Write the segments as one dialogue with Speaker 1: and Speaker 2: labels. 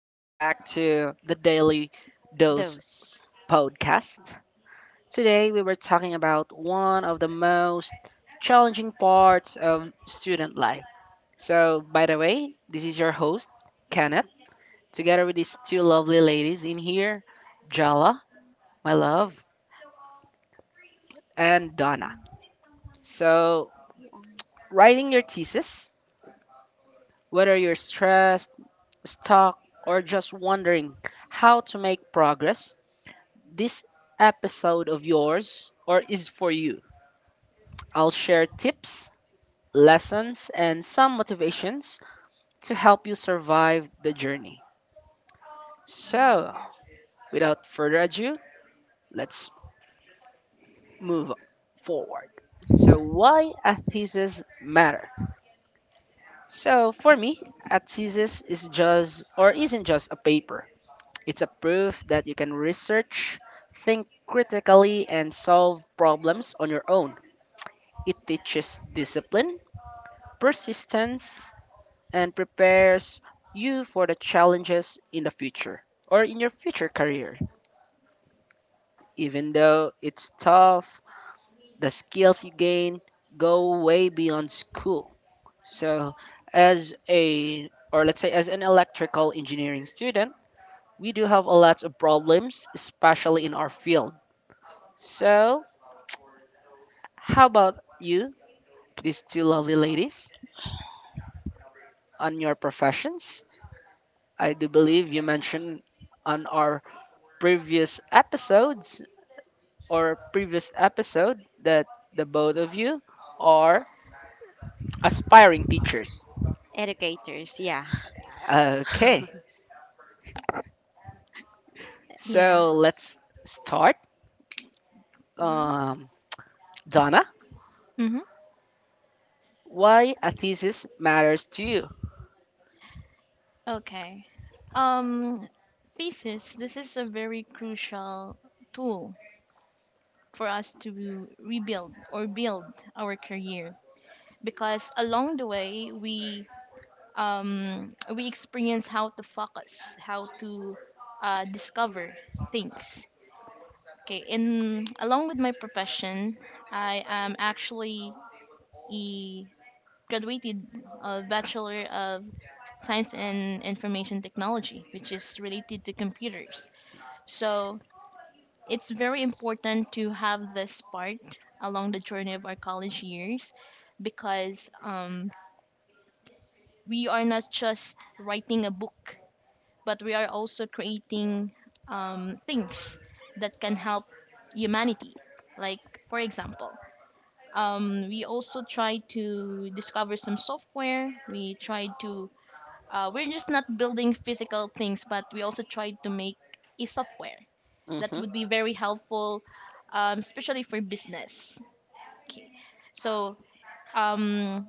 Speaker 1: welcome back to the Daily Dose
Speaker 2: Those
Speaker 1: podcast. Today we were talking about one of the most challenging parts of student life. So, by the way, this is your host, Kenneth, together with these two lovely ladies in here, Jala, my love, and Donna. So, writing your thesis, whether you're stressed, stuck, or just wondering how to make progress, this episode of yours or is for you. I'll share tips, lessons, and some motivations to help you survive the journey. So, without further ado, let's move forward. So, why a thesis matter? So, for me, a thesis is just or isn't just a paper. It's a proof that you can research, think critically, and solve problems on your own. It teaches discipline, persistence, and prepares you for the challenges in the future or in your future career. Even though it's tough, the skills you gain go way beyond school. So, as a or let's say as an electrical engineering student, we do have a lot of problems, especially in our field. So, how about you, these two lovely ladies, on your professions? I do believe you mentioned on our previous episodes or previous episode that the both of you are aspiring teachers.
Speaker 2: educators, yeah.
Speaker 1: Okay,
Speaker 3: Yeah.
Speaker 1: so let's start.
Speaker 2: Mhm.
Speaker 1: Um, Donna,
Speaker 3: Mm-hmm.
Speaker 1: why a thesis matters to you?
Speaker 3: Okay. Um, thesis. This is a very crucial tool for us to rebuild or build our career because along the way we we experience how to focus, how to discover things. Okay. In along with my profession, I am actually a graduated bachelor of science and information technology, which is related to computers. So it's very important to have this part along the journey of our college years because we are not just writing a book, but we are also creating things that can help humanity. Like, for example, we also try to discover some software, we try to we're just not building physical things, but we also try to make a software that
Speaker 1: Mm-hmm,
Speaker 3: would be very helpful, especially for business. Okay, so um,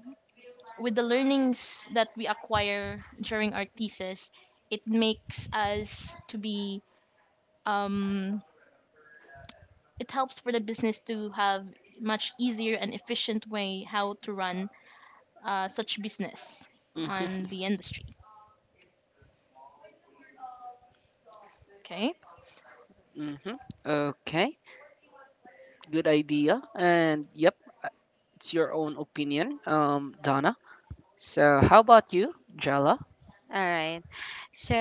Speaker 3: with the learnings that we acquire during our thesis, it makes us to be um, it helps for the business to have much easier and efficient way how to run such business
Speaker 1: mm-hmm,
Speaker 3: on the industry. Okay.
Speaker 1: mm-hmm. Okay, good idea. And yep, it's your own opinion, Donna. So how about you, Jala?
Speaker 2: All right. So,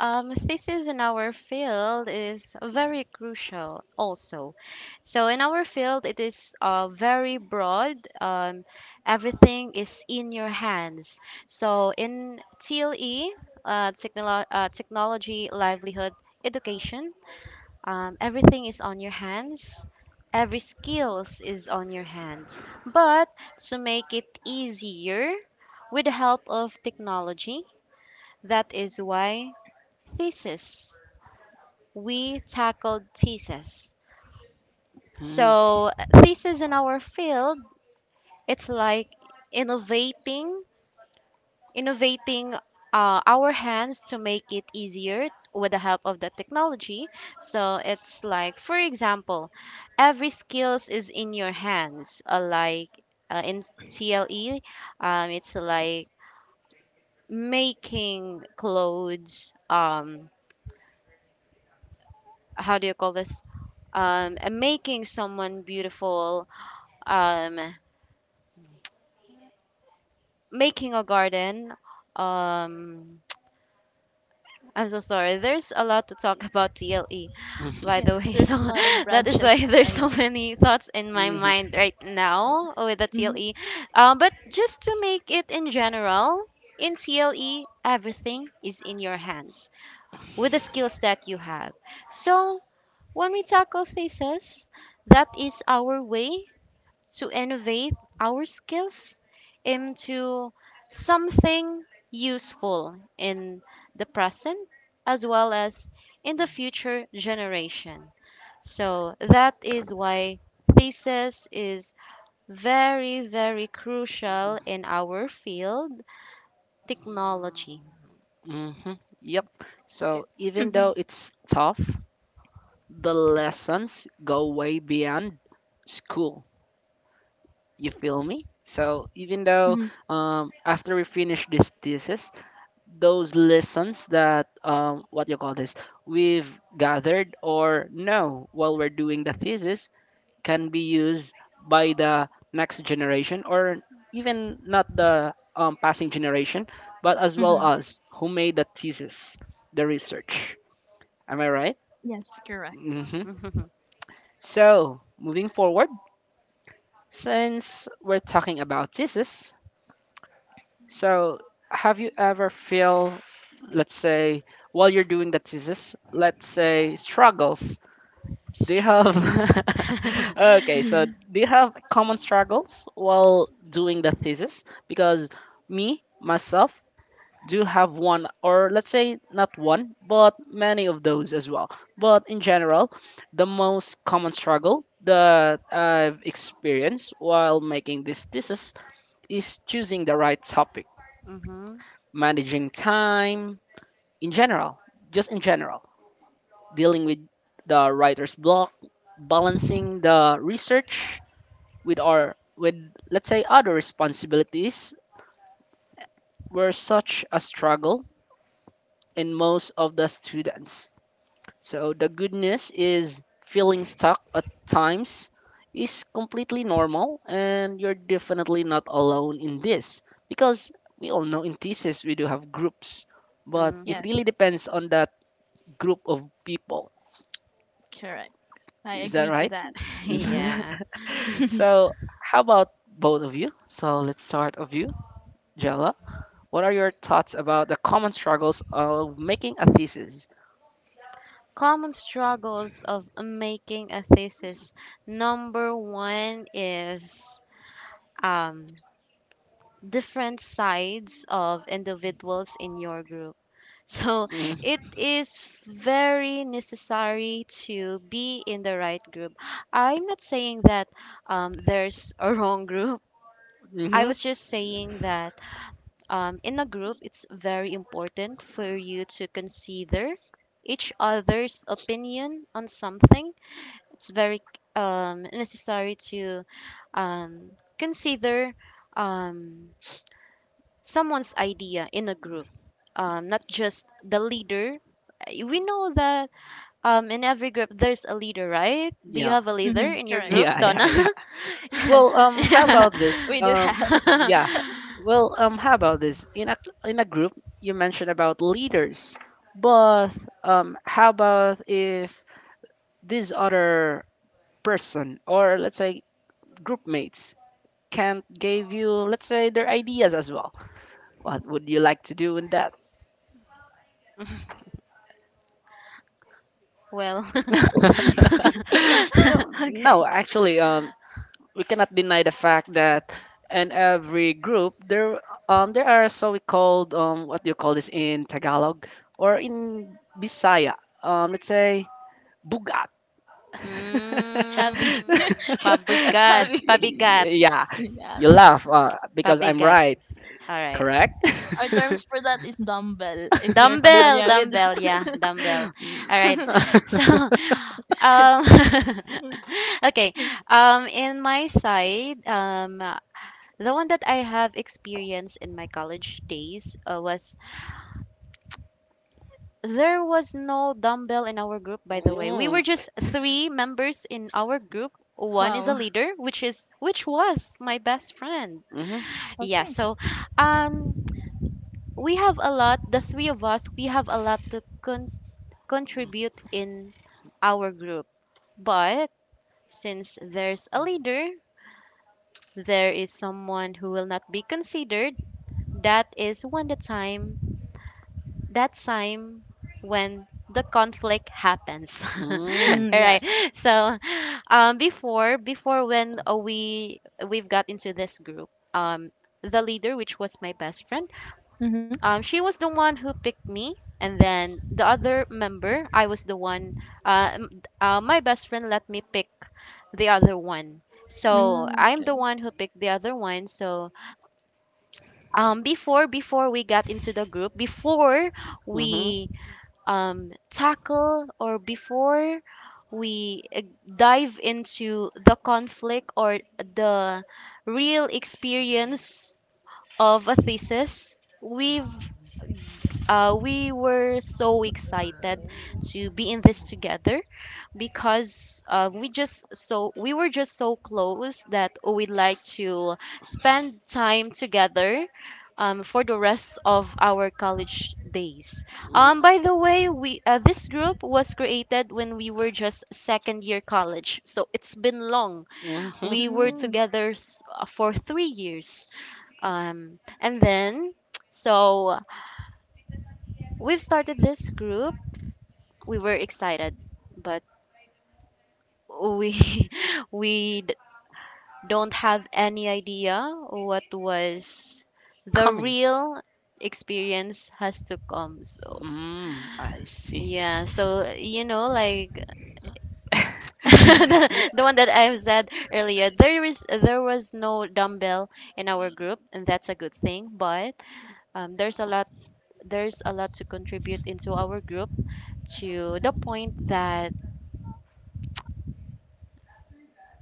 Speaker 2: um, Thesis in our field is very crucial also. So, in our field, it is very broad. Everything is in your hands. So, in TLE, technology, livelihood, education, everything is on your hands, every skills is on your hands, but to make it easier with the help of technology, that is why thesis we tackled thesis.
Speaker 1: Mm-hmm,
Speaker 2: So thesis in our field, it's like innovating innovating our hands to make it easier with the help of the technology. So it's like, for example, every skills is in your hands. In CLE, it's like making clothes. How do you call this? Making someone beautiful. Um, Making a garden. Um, I'm so sorry. There's a lot to talk about TLE,
Speaker 1: mm-hmm,
Speaker 2: by
Speaker 3: Yes,
Speaker 2: the way.
Speaker 3: there's
Speaker 2: So
Speaker 3: a lot of
Speaker 2: that is
Speaker 3: branches,
Speaker 2: why there's
Speaker 3: right?
Speaker 2: so many thoughts in my
Speaker 1: mm-hmm.
Speaker 2: mind right now with the TLE. But just to make it in general, in TLE, everything is in your hands with the skills that you have. So when we tackle thesis, that is our way to innovate our skills into something useful in the present as well as in the future generation. So that is why thesis is very, very crucial in our field, technology.
Speaker 1: Mm-hmm. Yep.
Speaker 3: Okay.
Speaker 1: So even
Speaker 3: Mhm,
Speaker 1: though it's tough, the lessons go way beyond school. You feel me? So even though
Speaker 3: mhm,
Speaker 1: after we finish this thesis, those lessons that what you call this, we've gathered or no while we're doing the thesis can be used by the next generation or even not the passing generation, but as well
Speaker 3: mhm.
Speaker 1: as who made the thesis, the research. Am I right?
Speaker 3: Yes, correct.
Speaker 1: Hmm.
Speaker 2: hmm
Speaker 1: So, moving forward, since we're talking about thesis, so have you ever feel, let's say, while you're doing the thesis, let's say struggles. Do you have okay? So
Speaker 3: Mhm.
Speaker 1: do you have common struggles while doing the thesis? Because me myself do have one, or let's say not one, but many of those as well. But in general, the most common struggle that I've experienced while making this thesis is choosing the right topic,
Speaker 2: hmm.
Speaker 1: managing time in general, just in general dealing with the writer's block, balancing the research with let's say other responsibilities were such a struggle in most of the students. So the goodness is feeling stuck at times is completely normal and you're definitely not alone in this because we all know in thesis we do have groups but it
Speaker 3: Yes,
Speaker 1: really depends on that group of people,
Speaker 3: correct. I
Speaker 1: is that
Speaker 3: agree to
Speaker 1: right?
Speaker 3: that. Mhm.
Speaker 2: Yeah.
Speaker 1: So, how about both of you? So, let's start of you, Jella. What are your thoughts about the common struggles of making a thesis?
Speaker 2: Common struggles of making a thesis. Number one is um, different sides of individuals in your group. So it
Speaker 1: Mm-hmm.
Speaker 2: is very necessary to be in the right group. I'm not saying that there's a wrong group. I
Speaker 1: Mm-hmm.
Speaker 2: was just saying that in a group, it's very important for you to consider each other's opinion on something. It's very necessary to um, consider um, someone's idea in a group, not just the leader. We know that in every group there's a leader, right? Do you
Speaker 1: Yeah.
Speaker 2: have a leader
Speaker 3: Mhm,
Speaker 2: in your
Speaker 3: correct.
Speaker 2: group,
Speaker 1: Yeah,
Speaker 3: Yes.
Speaker 2: Donna?
Speaker 1: yeah, yeah.
Speaker 3: Yes.
Speaker 1: Well, how
Speaker 2: Yeah.
Speaker 1: about this?
Speaker 3: We do
Speaker 1: Um,
Speaker 3: have.
Speaker 1: yeah. Well, how about this? In a group, you mentioned about leaders, but how about if this other person or let's say group mates can't give you, let's say, their ideas as well? What would you like to do in that?
Speaker 2: Well.
Speaker 1: no,
Speaker 3: Okay.
Speaker 1: no, actually, um, we cannot deny the fact that in every group there are so-called what do you call this in Tagalog or in Bisaya? Let's say bugat.
Speaker 2: Mm,
Speaker 3: Heavy. It's
Speaker 2: pabigat,
Speaker 3: heavy.
Speaker 2: pabigat,
Speaker 1: Yeah,
Speaker 3: Yes.
Speaker 1: you laugh because I'm
Speaker 2: pabigat.
Speaker 1: right,
Speaker 2: All right.
Speaker 1: correct?
Speaker 3: Our terms for that is dumbbell, if you're
Speaker 2: Dumbbell,
Speaker 3: familiar with.
Speaker 2: dumbbell, yeah, dumbbell.
Speaker 1: Mm,
Speaker 2: All right. So, um, okay. In my side, the one that I have experienced in my college days was there was no dumbbell in our group. By the way, we
Speaker 1: mm,
Speaker 2: were just three members in our group. One is a
Speaker 3: Wow.
Speaker 2: leader, which was my best friend.
Speaker 1: mhm,
Speaker 2: Yeah.
Speaker 3: Okay.
Speaker 2: So, um, we have a lot. The three of us, we have a lot to contribute in our group. But since there's a leader, there is someone who will not be considered. That is when that time when the conflict happens. All
Speaker 1: mm,
Speaker 3: Mm, yes.
Speaker 2: right. So, before when we've got into this group, um, the leader, which was my best friend,
Speaker 3: Mm-hmm.
Speaker 2: she was the one who picked me, and then the other member, I was the one uh, m- my best friend let me pick the other one. So
Speaker 3: Mm,
Speaker 2: I'm the
Speaker 3: okay.
Speaker 2: one who picked the other one. So, before we got into the group, before
Speaker 1: mhm,
Speaker 2: we tackle, or before we dive into the conflict or the real experience of a thesis, we've we were so excited to be in this together because we were just so close that we would like to spend time together for the rest of our college days.
Speaker 1: mm,
Speaker 2: By the way, we this group was created when we were just second year college, so it's been long.
Speaker 1: mhm,
Speaker 2: We were
Speaker 3: Mm.
Speaker 2: together for 3 years, and then so we've started this group. We were excited, but we we d- don't have any idea what was the
Speaker 1: Comedy.
Speaker 2: real experience has to come. So
Speaker 1: Mm, I see.
Speaker 2: yeah, so you know, like
Speaker 1: Yeah,
Speaker 2: the one that I've said earlier, there was no dumbbell in our group, and that's a good thing. But um, there's a lot to contribute into our group to the point that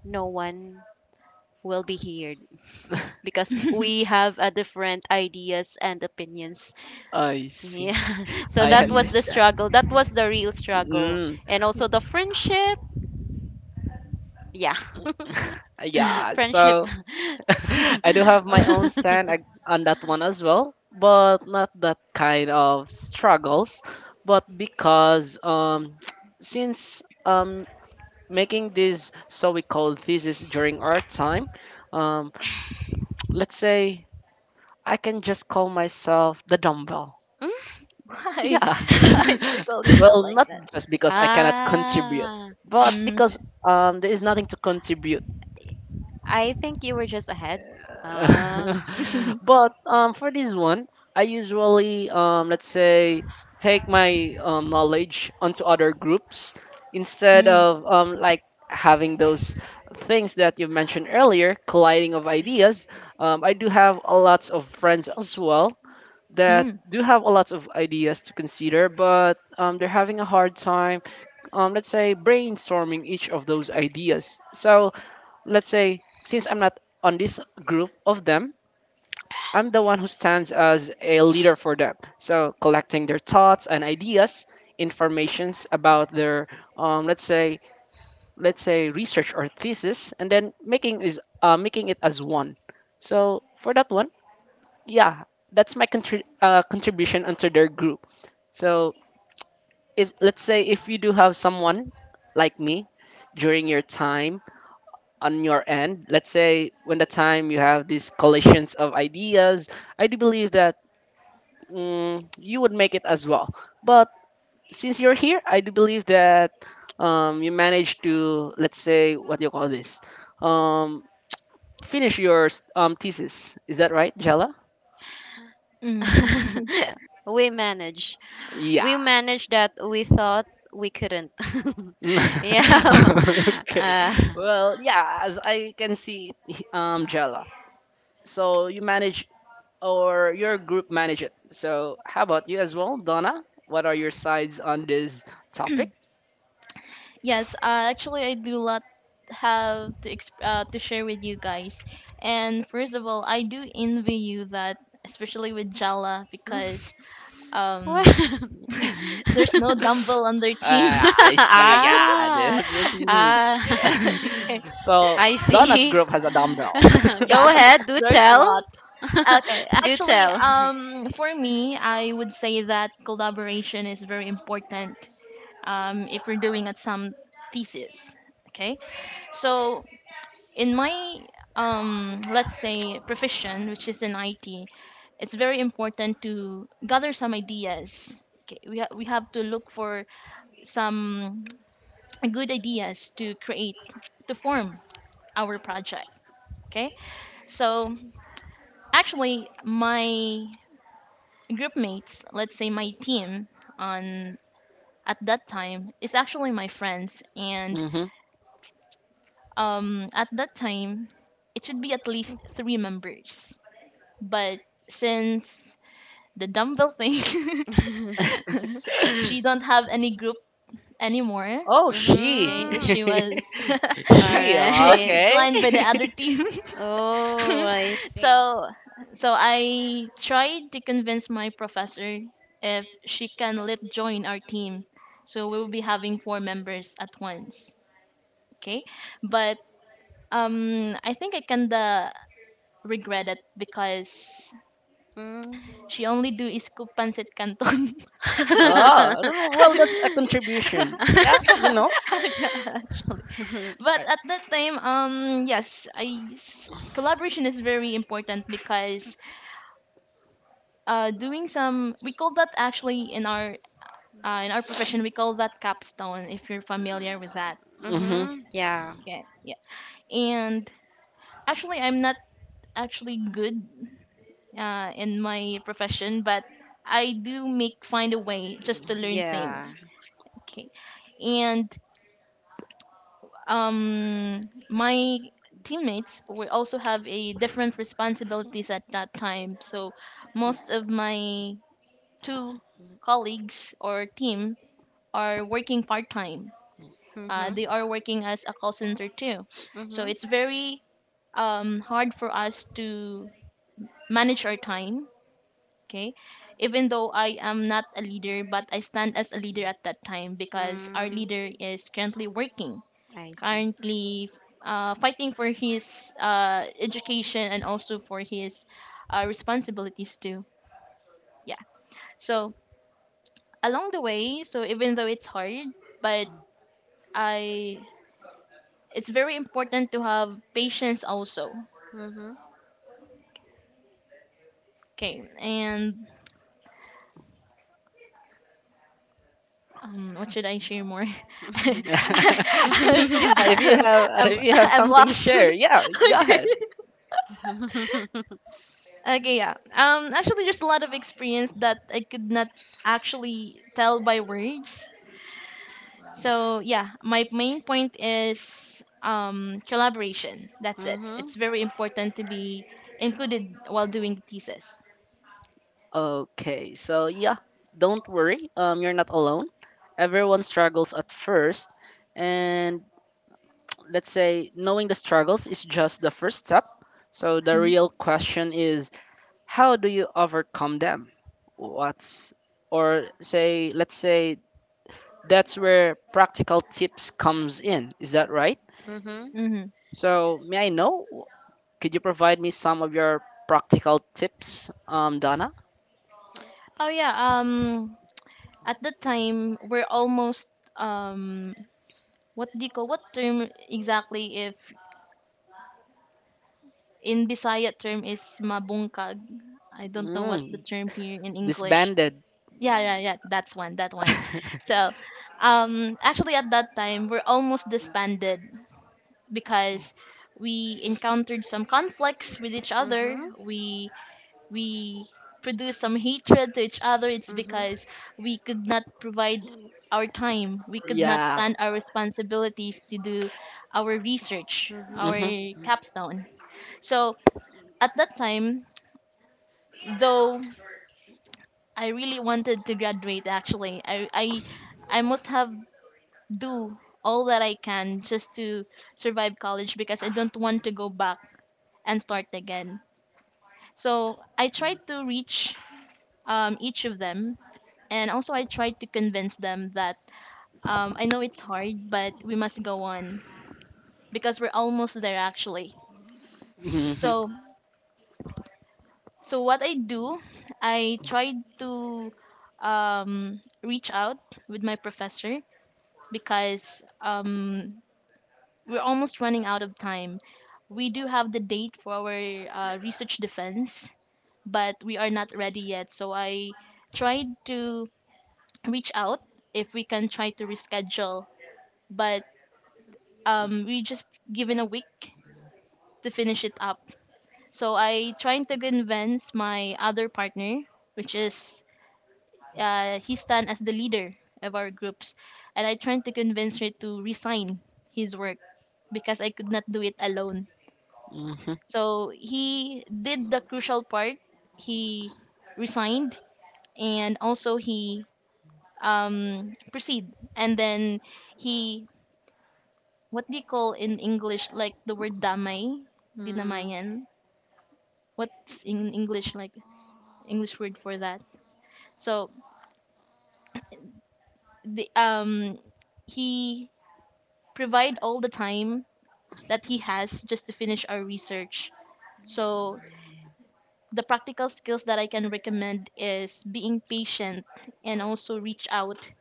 Speaker 2: no one will be here because we have a different ideas and opinions.
Speaker 1: I see.
Speaker 2: Yeah. So
Speaker 1: I
Speaker 2: that
Speaker 3: Mm.
Speaker 2: was the
Speaker 1: understand.
Speaker 2: struggle. That was the real struggle.
Speaker 1: Mm,
Speaker 2: And also
Speaker 3: Yes.
Speaker 2: the friendship. Yeah.
Speaker 3: Mm.
Speaker 1: yeah,
Speaker 2: Friendship.
Speaker 1: so I do
Speaker 3: Oh.
Speaker 1: have my
Speaker 3: Oh.
Speaker 1: own stand on that one as well, but not that kind of struggles, but because since making this so we call thesis during our time, um let's say I can just call myself the dumbbell.
Speaker 3: Why?
Speaker 1: Yeah.
Speaker 3: Why do you call yourself
Speaker 1: Well,
Speaker 3: like
Speaker 1: not
Speaker 3: that?
Speaker 1: just because I cannot contribute,
Speaker 2: Ah.
Speaker 1: but
Speaker 3: Mm,
Speaker 1: because there is nothing to contribute.
Speaker 2: I think you were just ahead. Ah.
Speaker 3: okay.
Speaker 1: But for this one, I usually let's say take my knowledge onto other groups instead
Speaker 3: mm,
Speaker 1: of having those things that you mentioned earlier colliding of ideas. I do have a lots of friends as well that
Speaker 3: mm,
Speaker 1: do have a lot of ideas to consider but they're having a hard time let's say brainstorming each of those ideas. So let's say since I'm not on this group of them, I'm the one who stands as a leader for them. So collecting their thoughts and ideas, informations about their um, let's say let's say research or thesis, and then making is making it as one. So for that one, yeah, that's my contribution into their group. So if let's say if you do have someone like me during your time on your end let's say when the time you have these collisions of ideas, I do believe that you would make it as well, but since you're here I do believe that you managed to let's say what do you call this um, finish your thesis, is that right, Jella?
Speaker 3: mm.
Speaker 2: We manage. We
Speaker 1: Yeah.
Speaker 2: manage that we thought we couldn't. Yeah.
Speaker 1: Okay,
Speaker 2: Uh,
Speaker 1: well yeah as I can see Jella, so you manage or your group manage it. So how about you as well, Donna? What are your sides on this topic?
Speaker 3: Yes, actually, I do lot have to to share with you guys. And first of all, I do envy you that, especially with Jala, because
Speaker 2: what?
Speaker 3: um, there's no dumbbell on their
Speaker 1: Uh,
Speaker 3: team.
Speaker 1: I see. Yeah.
Speaker 2: Ah,
Speaker 1: Mm,
Speaker 2: ah,
Speaker 3: Okay.
Speaker 1: So
Speaker 2: I
Speaker 1: Donna's
Speaker 2: see.
Speaker 1: group has a dumbbell.
Speaker 3: Yeah,
Speaker 2: Go ahead, do
Speaker 3: there's a
Speaker 2: tell.
Speaker 3: lot. Okay,
Speaker 2: Do
Speaker 3: actually,
Speaker 2: tell.
Speaker 3: for me, I would say that collaboration is very important. If we're doing at some thesis, okay. So in my let's say profession, which is in IT, it's very important to gather some ideas. Okay, we we have to look for some good ideas to create to form our project. Okay, so actually, my group mates, let's say my team on at that time is actually my friends and
Speaker 1: Hmm.
Speaker 3: at that time it should be at least 3 members. But since the dumbbell thing she don't have any group anymore,
Speaker 1: Oh, she,
Speaker 3: okay?
Speaker 2: Mhm.
Speaker 3: She was
Speaker 2: All
Speaker 1: she.
Speaker 3: she was
Speaker 2: right.
Speaker 1: Okay.
Speaker 3: declined by the other team.
Speaker 2: Oh, I see.
Speaker 3: So so I tried to convince my professor if she can let join our team. So we will be having four members at once. Okay. But I think I kinda regret it because
Speaker 2: Mm.
Speaker 3: she only do is cook pancit canton.
Speaker 1: Oh, I don't know. Well, that's a contribution. Yeah, you
Speaker 3: Yeah,
Speaker 1: know.
Speaker 3: yeah, actually. But
Speaker 1: I,
Speaker 3: at that time, yes, collaboration is very important because doing some we call that actually in our profession we call that capstone if you're familiar with that
Speaker 1: hmm.
Speaker 2: Mhm. Yeah.
Speaker 3: okay yeah and actually I'm not actually good in my profession but I do make find a way just to learn things
Speaker 2: Yeah.
Speaker 3: okay and my teammates will also have a different responsibilities at that time so most of my two colleagues or team are working part time.
Speaker 2: Mhm.
Speaker 3: They are working as a call center too. So
Speaker 2: Mhm.
Speaker 3: it's very hard for us to manage our time. Okay. Even though I am not a leader, but I stand as a leader at that time because our
Speaker 2: Mm,
Speaker 3: leader is currently working,
Speaker 2: I see.
Speaker 3: currently fighting for his education and also for his responsibilities too. Yeah. So along the way, so even though it's hard, but I it's very important to have patience also.
Speaker 2: Mhm.
Speaker 3: Okay, and what should I share more? I'm,
Speaker 1: Yeah,
Speaker 2: Mhm.
Speaker 3: I'm, I'm,
Speaker 1: if you have
Speaker 3: I'm
Speaker 1: something to
Speaker 3: lost.
Speaker 1: share, yeah, go
Speaker 3: Okay.
Speaker 1: ahead.
Speaker 3: Okay, yeah. Actually, there's a lot of experience that I could not actually tell by words. So yeah, my main point is collaboration. That's it. It's very important to be included while doing the thesis.
Speaker 1: Okay, so yeah, don't worry. You're not alone. Everyone struggles at first, and let's say knowing the struggles is just the first step. So the
Speaker 3: Mm-hmm.
Speaker 1: real question is, how do you overcome them? What's or say, let's say that's where practical tips comes in. Is that right?
Speaker 2: Mhm.
Speaker 3: Mm-hmm.
Speaker 1: So may I know? Could you provide me some of your practical tips, Donna?
Speaker 3: Oh yeah. Um, at that time we're almost um what do you call what term exactly if in Bisaya term is mabungkag. I don't know what the
Speaker 1: Mm,
Speaker 3: term here in English.
Speaker 1: disbanded.
Speaker 3: Yeah, yeah, yeah. That's one. That one. So, actually at that time we're almost disbanded because we encountered some conflicts with each other. We produce some hatred to each other, it's
Speaker 2: Mm-hmm. Mm-hmm.
Speaker 3: because we could not provide our time. We could not
Speaker 1: Yeah.
Speaker 3: stand our responsibilities to do our research,
Speaker 2: Mm-hmm.
Speaker 3: our
Speaker 1: Mhm.
Speaker 3: capstone. So at that time, though I really wanted to graduate actually, I must have do all that I can just to survive college because I don't want to go back and start again. So I tried to reach each of them. And also, I tried to convince them that I know it's hard, but we must go on because we're almost there actually.
Speaker 1: Mhm.
Speaker 3: So, so what I do, I tried to reach out with my professor because we're almost running out of time. We do have the date for our research defense, but we are not ready yet. So I tried to reach out if we can try to reschedule but we just given a week to finish it up so I trying to convince my other partner which is he stand as the leader of our groups and I trying to convince her to resign his work because I could not do it alone
Speaker 1: Mhm.
Speaker 3: so he did the crucial part he resigned and also he proceed and then he what do you call in English like the word damay
Speaker 2: Mm.
Speaker 3: dinamayan what's in English like English word for that. So the he provide all the time that he has just to finish our research. So the practical skills that I can recommend is being patient and also reach out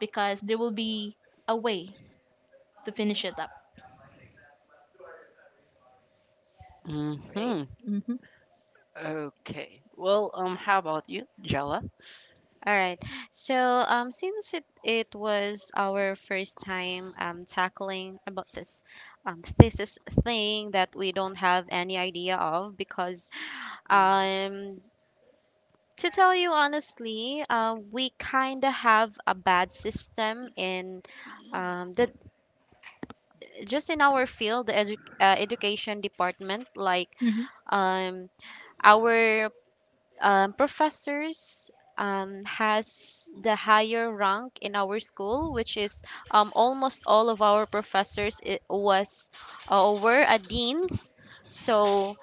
Speaker 3: because there will be a way to finish it up. Right.
Speaker 1: Mhm.
Speaker 3: Mm-hmm.
Speaker 1: Okay. Well, how about you, Jella?
Speaker 2: All right. Since it was our first time tackling about this thesis thing that we don't have any idea of, because
Speaker 1: Mm,
Speaker 2: um, to tell you honestly, we kind of have a bad system in the just in our field, the education department, like
Speaker 3: Mm-hmm.
Speaker 2: um, our professors has the higher rank in our school, which is almost all of our professors, it was were a deans. So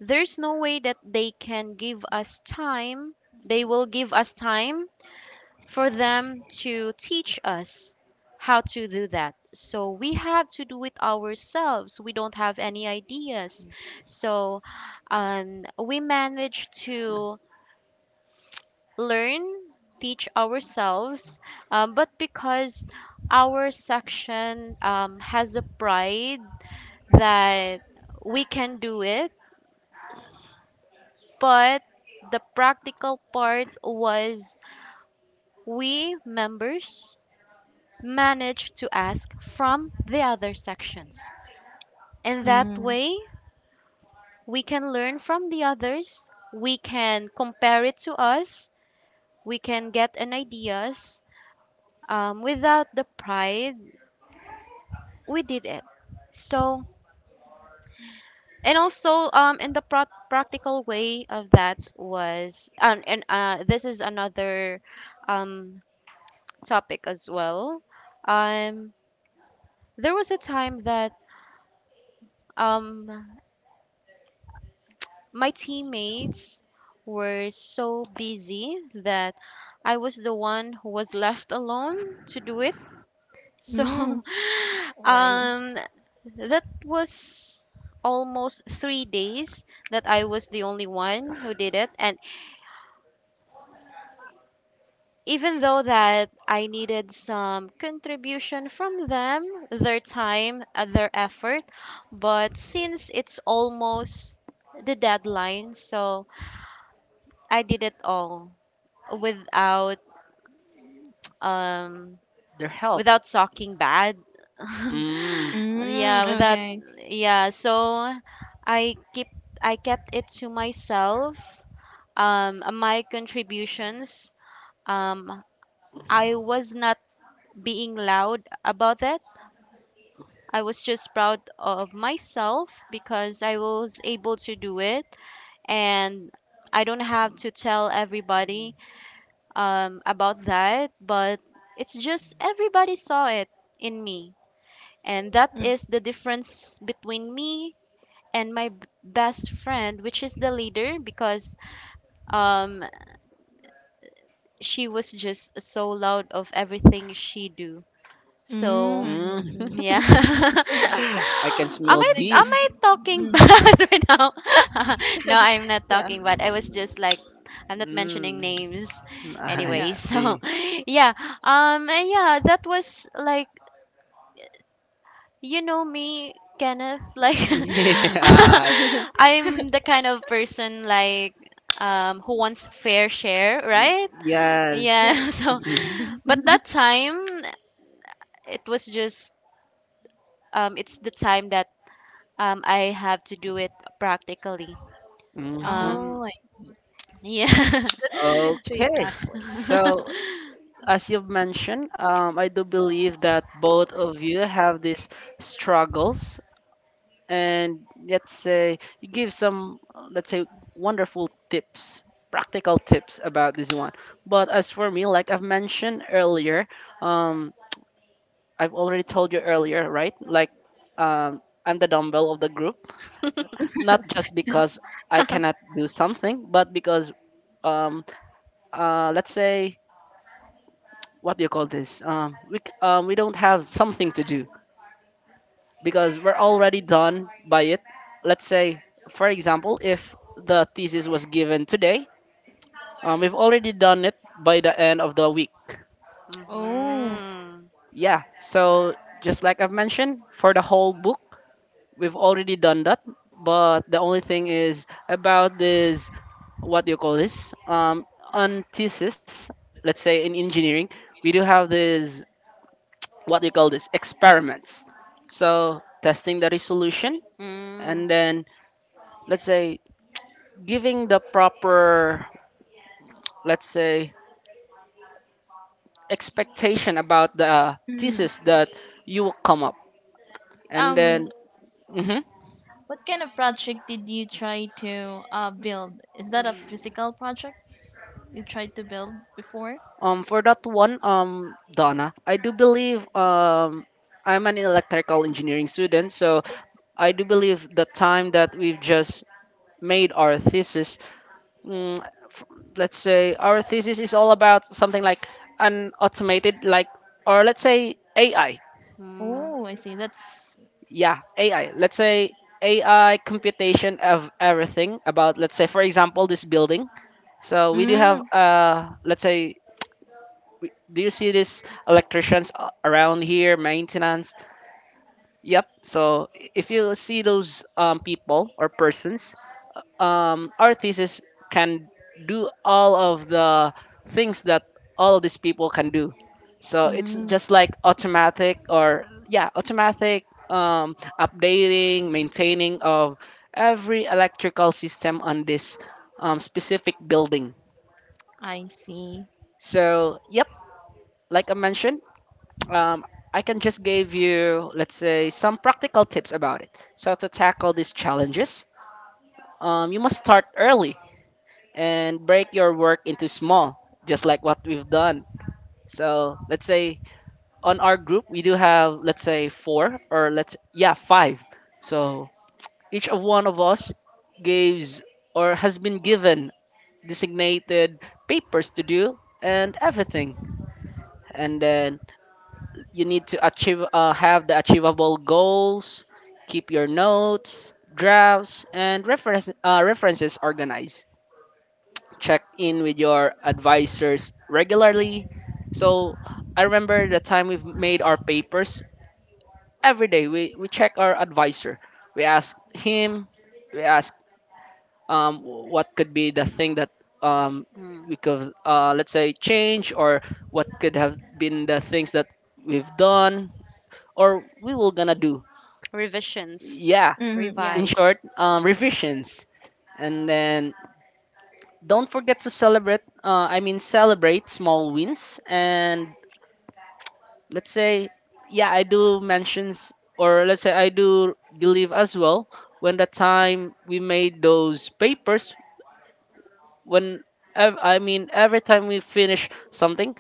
Speaker 2: there's no way that they can give us time. They will give us time for them to teach us how to do that. So we have to do it ourselves. We don't have any ideas. So we manage to learn, teach ourselves. But because our section has a pride that we can do it, but the practical part was we members manage to ask from the other sections. And that
Speaker 3: Mm.
Speaker 2: way, we can learn from the others, we can compare it to us, we can get an ideas without the pride we did it. So, and also practical way of that was, and this is another um, topic as well. Um, there was a time that um, my teammates were so busy that I was the one who was left alone to do it. So
Speaker 3: Mm. All right.
Speaker 2: um that was almost 3 days that I was the only one who did it, and even though that I needed some contribution from them, their time, their effort, but since it's almost the deadline, so I did it all, without um
Speaker 1: their help.
Speaker 2: talking bad.
Speaker 1: Mm.
Speaker 2: Yeah,
Speaker 3: Mm.
Speaker 2: without.
Speaker 3: Okay.
Speaker 2: Yeah, so i keep I kept it to myself, my contributions. um I was not being loud about it. I was just proud of myself because I was able to do it, and I don't have to tell everybody about that, but it's just everybody saw it in me. And that
Speaker 3: Mm.
Speaker 2: is the difference between me and my best friend, which is the leader, because um, she was just so loud of everything she do. So
Speaker 3: Mm. I
Speaker 1: Mm.
Speaker 3: see.
Speaker 2: yeah.
Speaker 1: I can smell
Speaker 3: It's a
Speaker 2: Am
Speaker 1: beef.
Speaker 3: good.
Speaker 2: I talking
Speaker 3: Mm.
Speaker 2: bad right now? No, I'm not
Speaker 3: Yeah.
Speaker 2: talking bad. I was just like, I'm not mentioning
Speaker 1: Mm.
Speaker 2: names
Speaker 1: Mm. I
Speaker 2: anyway.
Speaker 3: Yeah.
Speaker 2: So,
Speaker 1: see.
Speaker 2: yeah. And yeah, that was like, you know me, Kenneth, like
Speaker 1: Yeah.
Speaker 2: I'm the kind of person like who wants fair share, right?
Speaker 1: Yes.
Speaker 2: Yeah.
Speaker 3: Yes.
Speaker 2: So,
Speaker 3: Yes.
Speaker 2: but that time it was just it's the time that I have to do it practically.
Speaker 1: Mm-hmm.
Speaker 2: Um,
Speaker 3: Oh, I see.
Speaker 2: yeah.
Speaker 3: That's a good choice
Speaker 1: Okay.
Speaker 3: actually.
Speaker 1: So, as you've mentioned, I do believe that both of you have these struggles and let's say you give some let's say wonderful tips practical tips about this one, but as for me like I've mentioned earlier, um I've already told you earlier right, like I'm the dumbbell of the group, not just because I cannot do something, but because um let's say what do you call this we don't have something to do because we're already done by it. Let's say, for example, if the thesis was given today, we've already done it by the end of the week.
Speaker 2: hmm
Speaker 3: Oh.
Speaker 1: Yeah, so just like I've mentioned, for the whole book, we've already done that. But the only thing is about this, what do you call this? On thesis, let's say in engineering, we do have this, what do you call this? Experiments. So testing the resolution,
Speaker 2: Mm,
Speaker 1: and then let's say giving the proper, let's say, expectation about the
Speaker 3: Mm.
Speaker 1: thesis that you will come up. And
Speaker 3: Um,
Speaker 1: then, mhm.
Speaker 3: what kind of project did you try to build? Is that a
Speaker 2: mm,
Speaker 3: physical project you tried to build before?
Speaker 1: For that one, Donna, I do believe I'm an electrical engineering student, so I do believe the time that we've just made our thesis, mm, f- let's say our thesis is all about something like an automated, or let's say AI.
Speaker 2: mm,
Speaker 3: Oh, I see. That's
Speaker 1: Yeah, AI, let's say AI computation of everything about let's say for example this building, so we do have
Speaker 3: mm,
Speaker 1: let's say, do you see these electricians around here, maintenance? Yep, so if you see those people or persons, our thesis can do all of the things that all of these people can do. So it's
Speaker 3: mm,
Speaker 1: just like automatic or yeah, automatic updating, maintaining of every electrical system on this specific building.
Speaker 3: I see.
Speaker 1: So yep, like I mentioned, um, I can just give you let's say some practical tips about it. So to tackle these challenges, you must start early and break your work into small, just like what we've done. So let's say on our group we do have let's say four or let's yeah five. So each of one of us gives or has been given designated papers to do and everything. And then you need to achieve have the achievable goals, keep your notes, graphs, and references organized. Check in with your advisors regularly. So I remember the time we've made our papers every day. We check our advisor. We ask him. We ask what could be the thing that um we
Speaker 2: mm.
Speaker 1: could let's say change or what could have been the things that we've done or we will gonna do.
Speaker 2: Revisions.
Speaker 1: Yeah,
Speaker 3: Mm, yeah.
Speaker 1: in
Speaker 2: Revise.
Speaker 1: short, revisions. And then don't forget to celebrate. Celebrate small wins and let's say yeah I do mentions or let's say I do believe as well when the time we made those papers when every time we finish something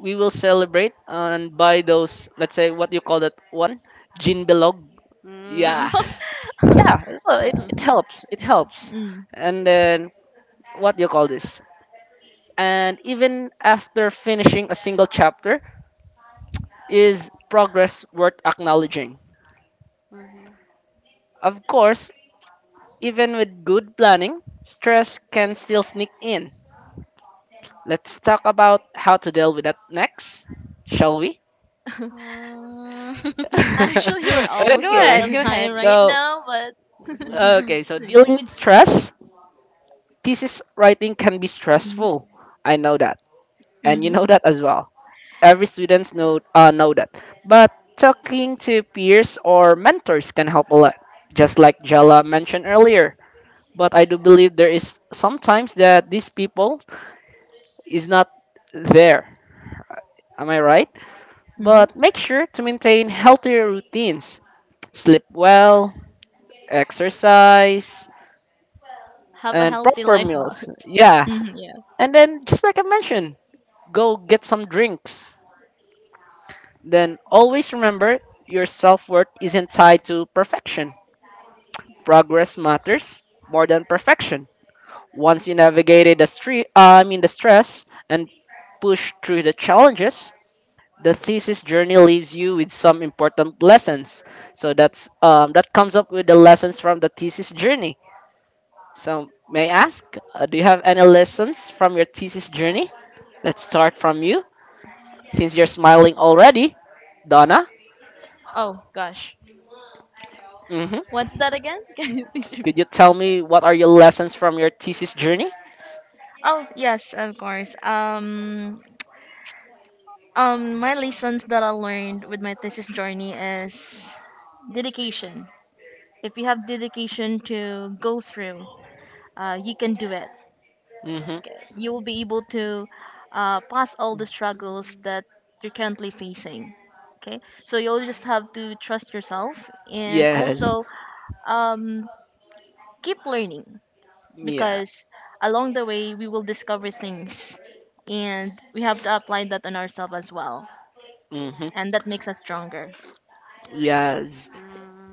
Speaker 1: we will celebrate and buy those let's say what do you call that one, gin bilog.
Speaker 2: Mm.
Speaker 1: Yeah. Yeah, well, it helps it helps.
Speaker 3: Mm.
Speaker 1: And then what do you call this? And even after finishing a single chapter, is progress worth acknowledging?
Speaker 2: Mhm.
Speaker 1: Of course. Even with good planning, stress can still sneak in. Let's talk about how to deal with that next, shall we?
Speaker 2: Mm.
Speaker 3: Actually, we're almost
Speaker 2: Go
Speaker 3: out
Speaker 2: ahead,
Speaker 1: Okay.
Speaker 3: of
Speaker 2: go ahead.
Speaker 3: time right
Speaker 1: So,
Speaker 3: now, but
Speaker 1: okay, so
Speaker 3: okay.
Speaker 1: dealing with stress, thesis writing can be
Speaker 3: Mm-hmm.
Speaker 1: stressful. I know that. And you know that as well. Every students know that. But talking to peers or mentors can help a lot, just like Jala mentioned earlier. But I do believe there is sometimes that these people is not there. Am I right?
Speaker 3: Mm-hmm.
Speaker 1: But make sure to maintain healthier routines. Sleep well, exercise,
Speaker 3: Have a
Speaker 1: and
Speaker 3: healthy
Speaker 1: proper
Speaker 3: life, boss.
Speaker 1: meals. Yeah.
Speaker 3: Mm. Yeah.
Speaker 1: And then, just like I mentioned, go get some drinks. Then always remember, your self worth isn't tied to perfection. Progress matters more than perfection. Once you navigated the street, the stress, and push through the challenges, the thesis journey leaves you with some important lessons. So that's that comes up with the lessons from the thesis journey. So may I ask, do you have any lessons from your thesis journey? Let's start from you, since you're smiling already, Donna.
Speaker 3: Oh gosh,
Speaker 1: Mm-hmm.
Speaker 3: what's that again? Can you please
Speaker 1: Could
Speaker 3: repeat?
Speaker 1: you tell me what are your lessons from your thesis journey?
Speaker 3: Oh yes, of course. My lessons that I learned with my thesis journey is dedication. If you have dedication to go through, you can do it.
Speaker 1: Mm-hmm.
Speaker 3: You will be able to pass all the struggles that you're currently facing. Okay, so you'll just have to trust yourself and
Speaker 1: Yes.
Speaker 3: also um, keep learning,
Speaker 1: Yeah.
Speaker 3: because along the way we will discover things and we have to apply that on ourselves as well.
Speaker 1: Mm-hmm.
Speaker 3: And that makes us stronger.
Speaker 1: Yes.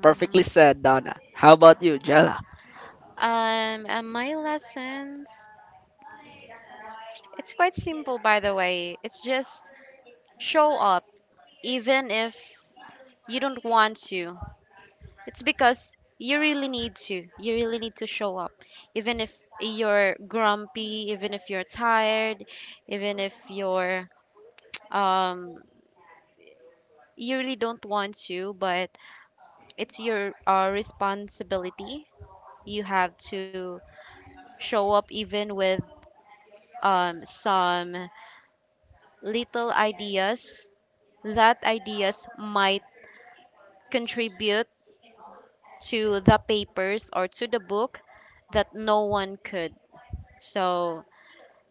Speaker 1: Perfectly said, Donna. How about you, Jella?
Speaker 2: And my lessons, it's quite simple, by the way. It's just show up, even if you don't want to. It's because you really need to. You really need to show up, even if you're grumpy, even if you're tired, even if you're um, you really don't want to. But it's your responsibility. You have to show up, even with some little ideas that ideas might contribute to the papers or to the book that no one could. So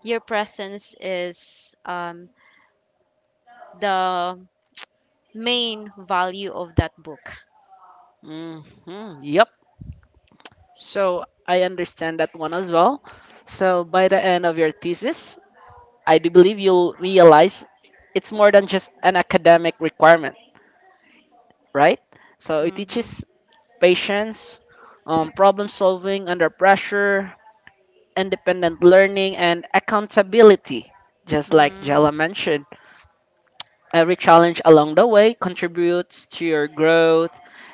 Speaker 2: your presence is the main value of that book.
Speaker 1: Mm-hmm. Yep. So I understand that one as well. So by the end of your thesis, I do believe you'll realize it's more than just an academic requirement, right? So it
Speaker 2: Mm-hmm.
Speaker 1: teaches patience, problem solving under pressure, independent learning, and accountability. Just like
Speaker 2: Mm.
Speaker 1: Jella mentioned, every challenge along the way contributes to your growth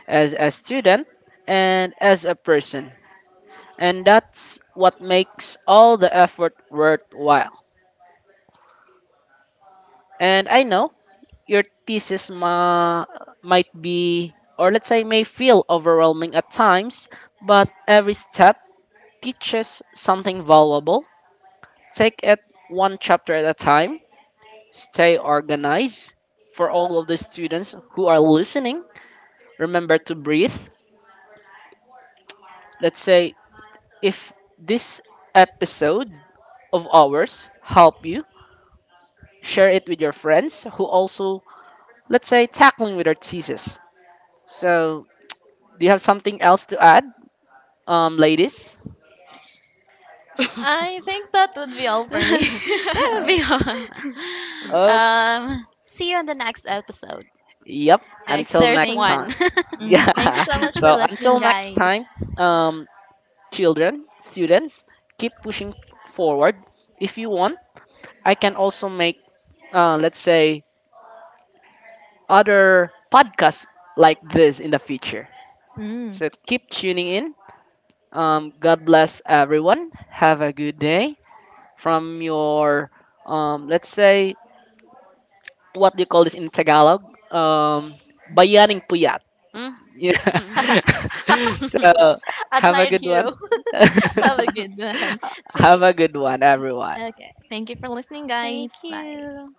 Speaker 1: as a student and as a person. And that's what makes all the effort worthwhile. And I know your might be, or let's say, may feel overwhelming at times, but every step teaches something valuable. Take it one chapter at a time, stay organized. For all of the students who are listening, remember to breathe. Let's say, if this episode of ours help you, share it with your friends who also, let's say, tackling with our thesis. So, do you have something else to add, ladies?
Speaker 3: I think that would be all for me.
Speaker 2: That'll be all.
Speaker 1: Oh,
Speaker 2: See you on the next episode,
Speaker 1: yep.
Speaker 2: if
Speaker 1: Until
Speaker 3: Okay,
Speaker 2: there's
Speaker 1: next
Speaker 3: thank,
Speaker 1: time.
Speaker 2: one.
Speaker 3: mm, thank you
Speaker 1: Yeah.
Speaker 3: so much for
Speaker 1: So, until
Speaker 3: listening,
Speaker 1: next
Speaker 3: guys.
Speaker 1: time, um, children, students, keep pushing forward. If you want, I can also make, let's say, other podcasts like this in the future.
Speaker 3: Mm.
Speaker 1: So, keep tuning in. God bless everyone. Have a good day from your, let's say, what do you call this in Tagalog? Um, bayaning puyat. Yeah.
Speaker 2: Mm.
Speaker 1: So
Speaker 3: A
Speaker 1: have a
Speaker 3: tired
Speaker 1: good one.
Speaker 3: hero. Have a good one. Take
Speaker 1: Have a
Speaker 3: care.
Speaker 1: good one, everyone.
Speaker 3: Okay, okay, thank you for listening, guys.
Speaker 2: Thank
Speaker 3: Bye.
Speaker 2: you.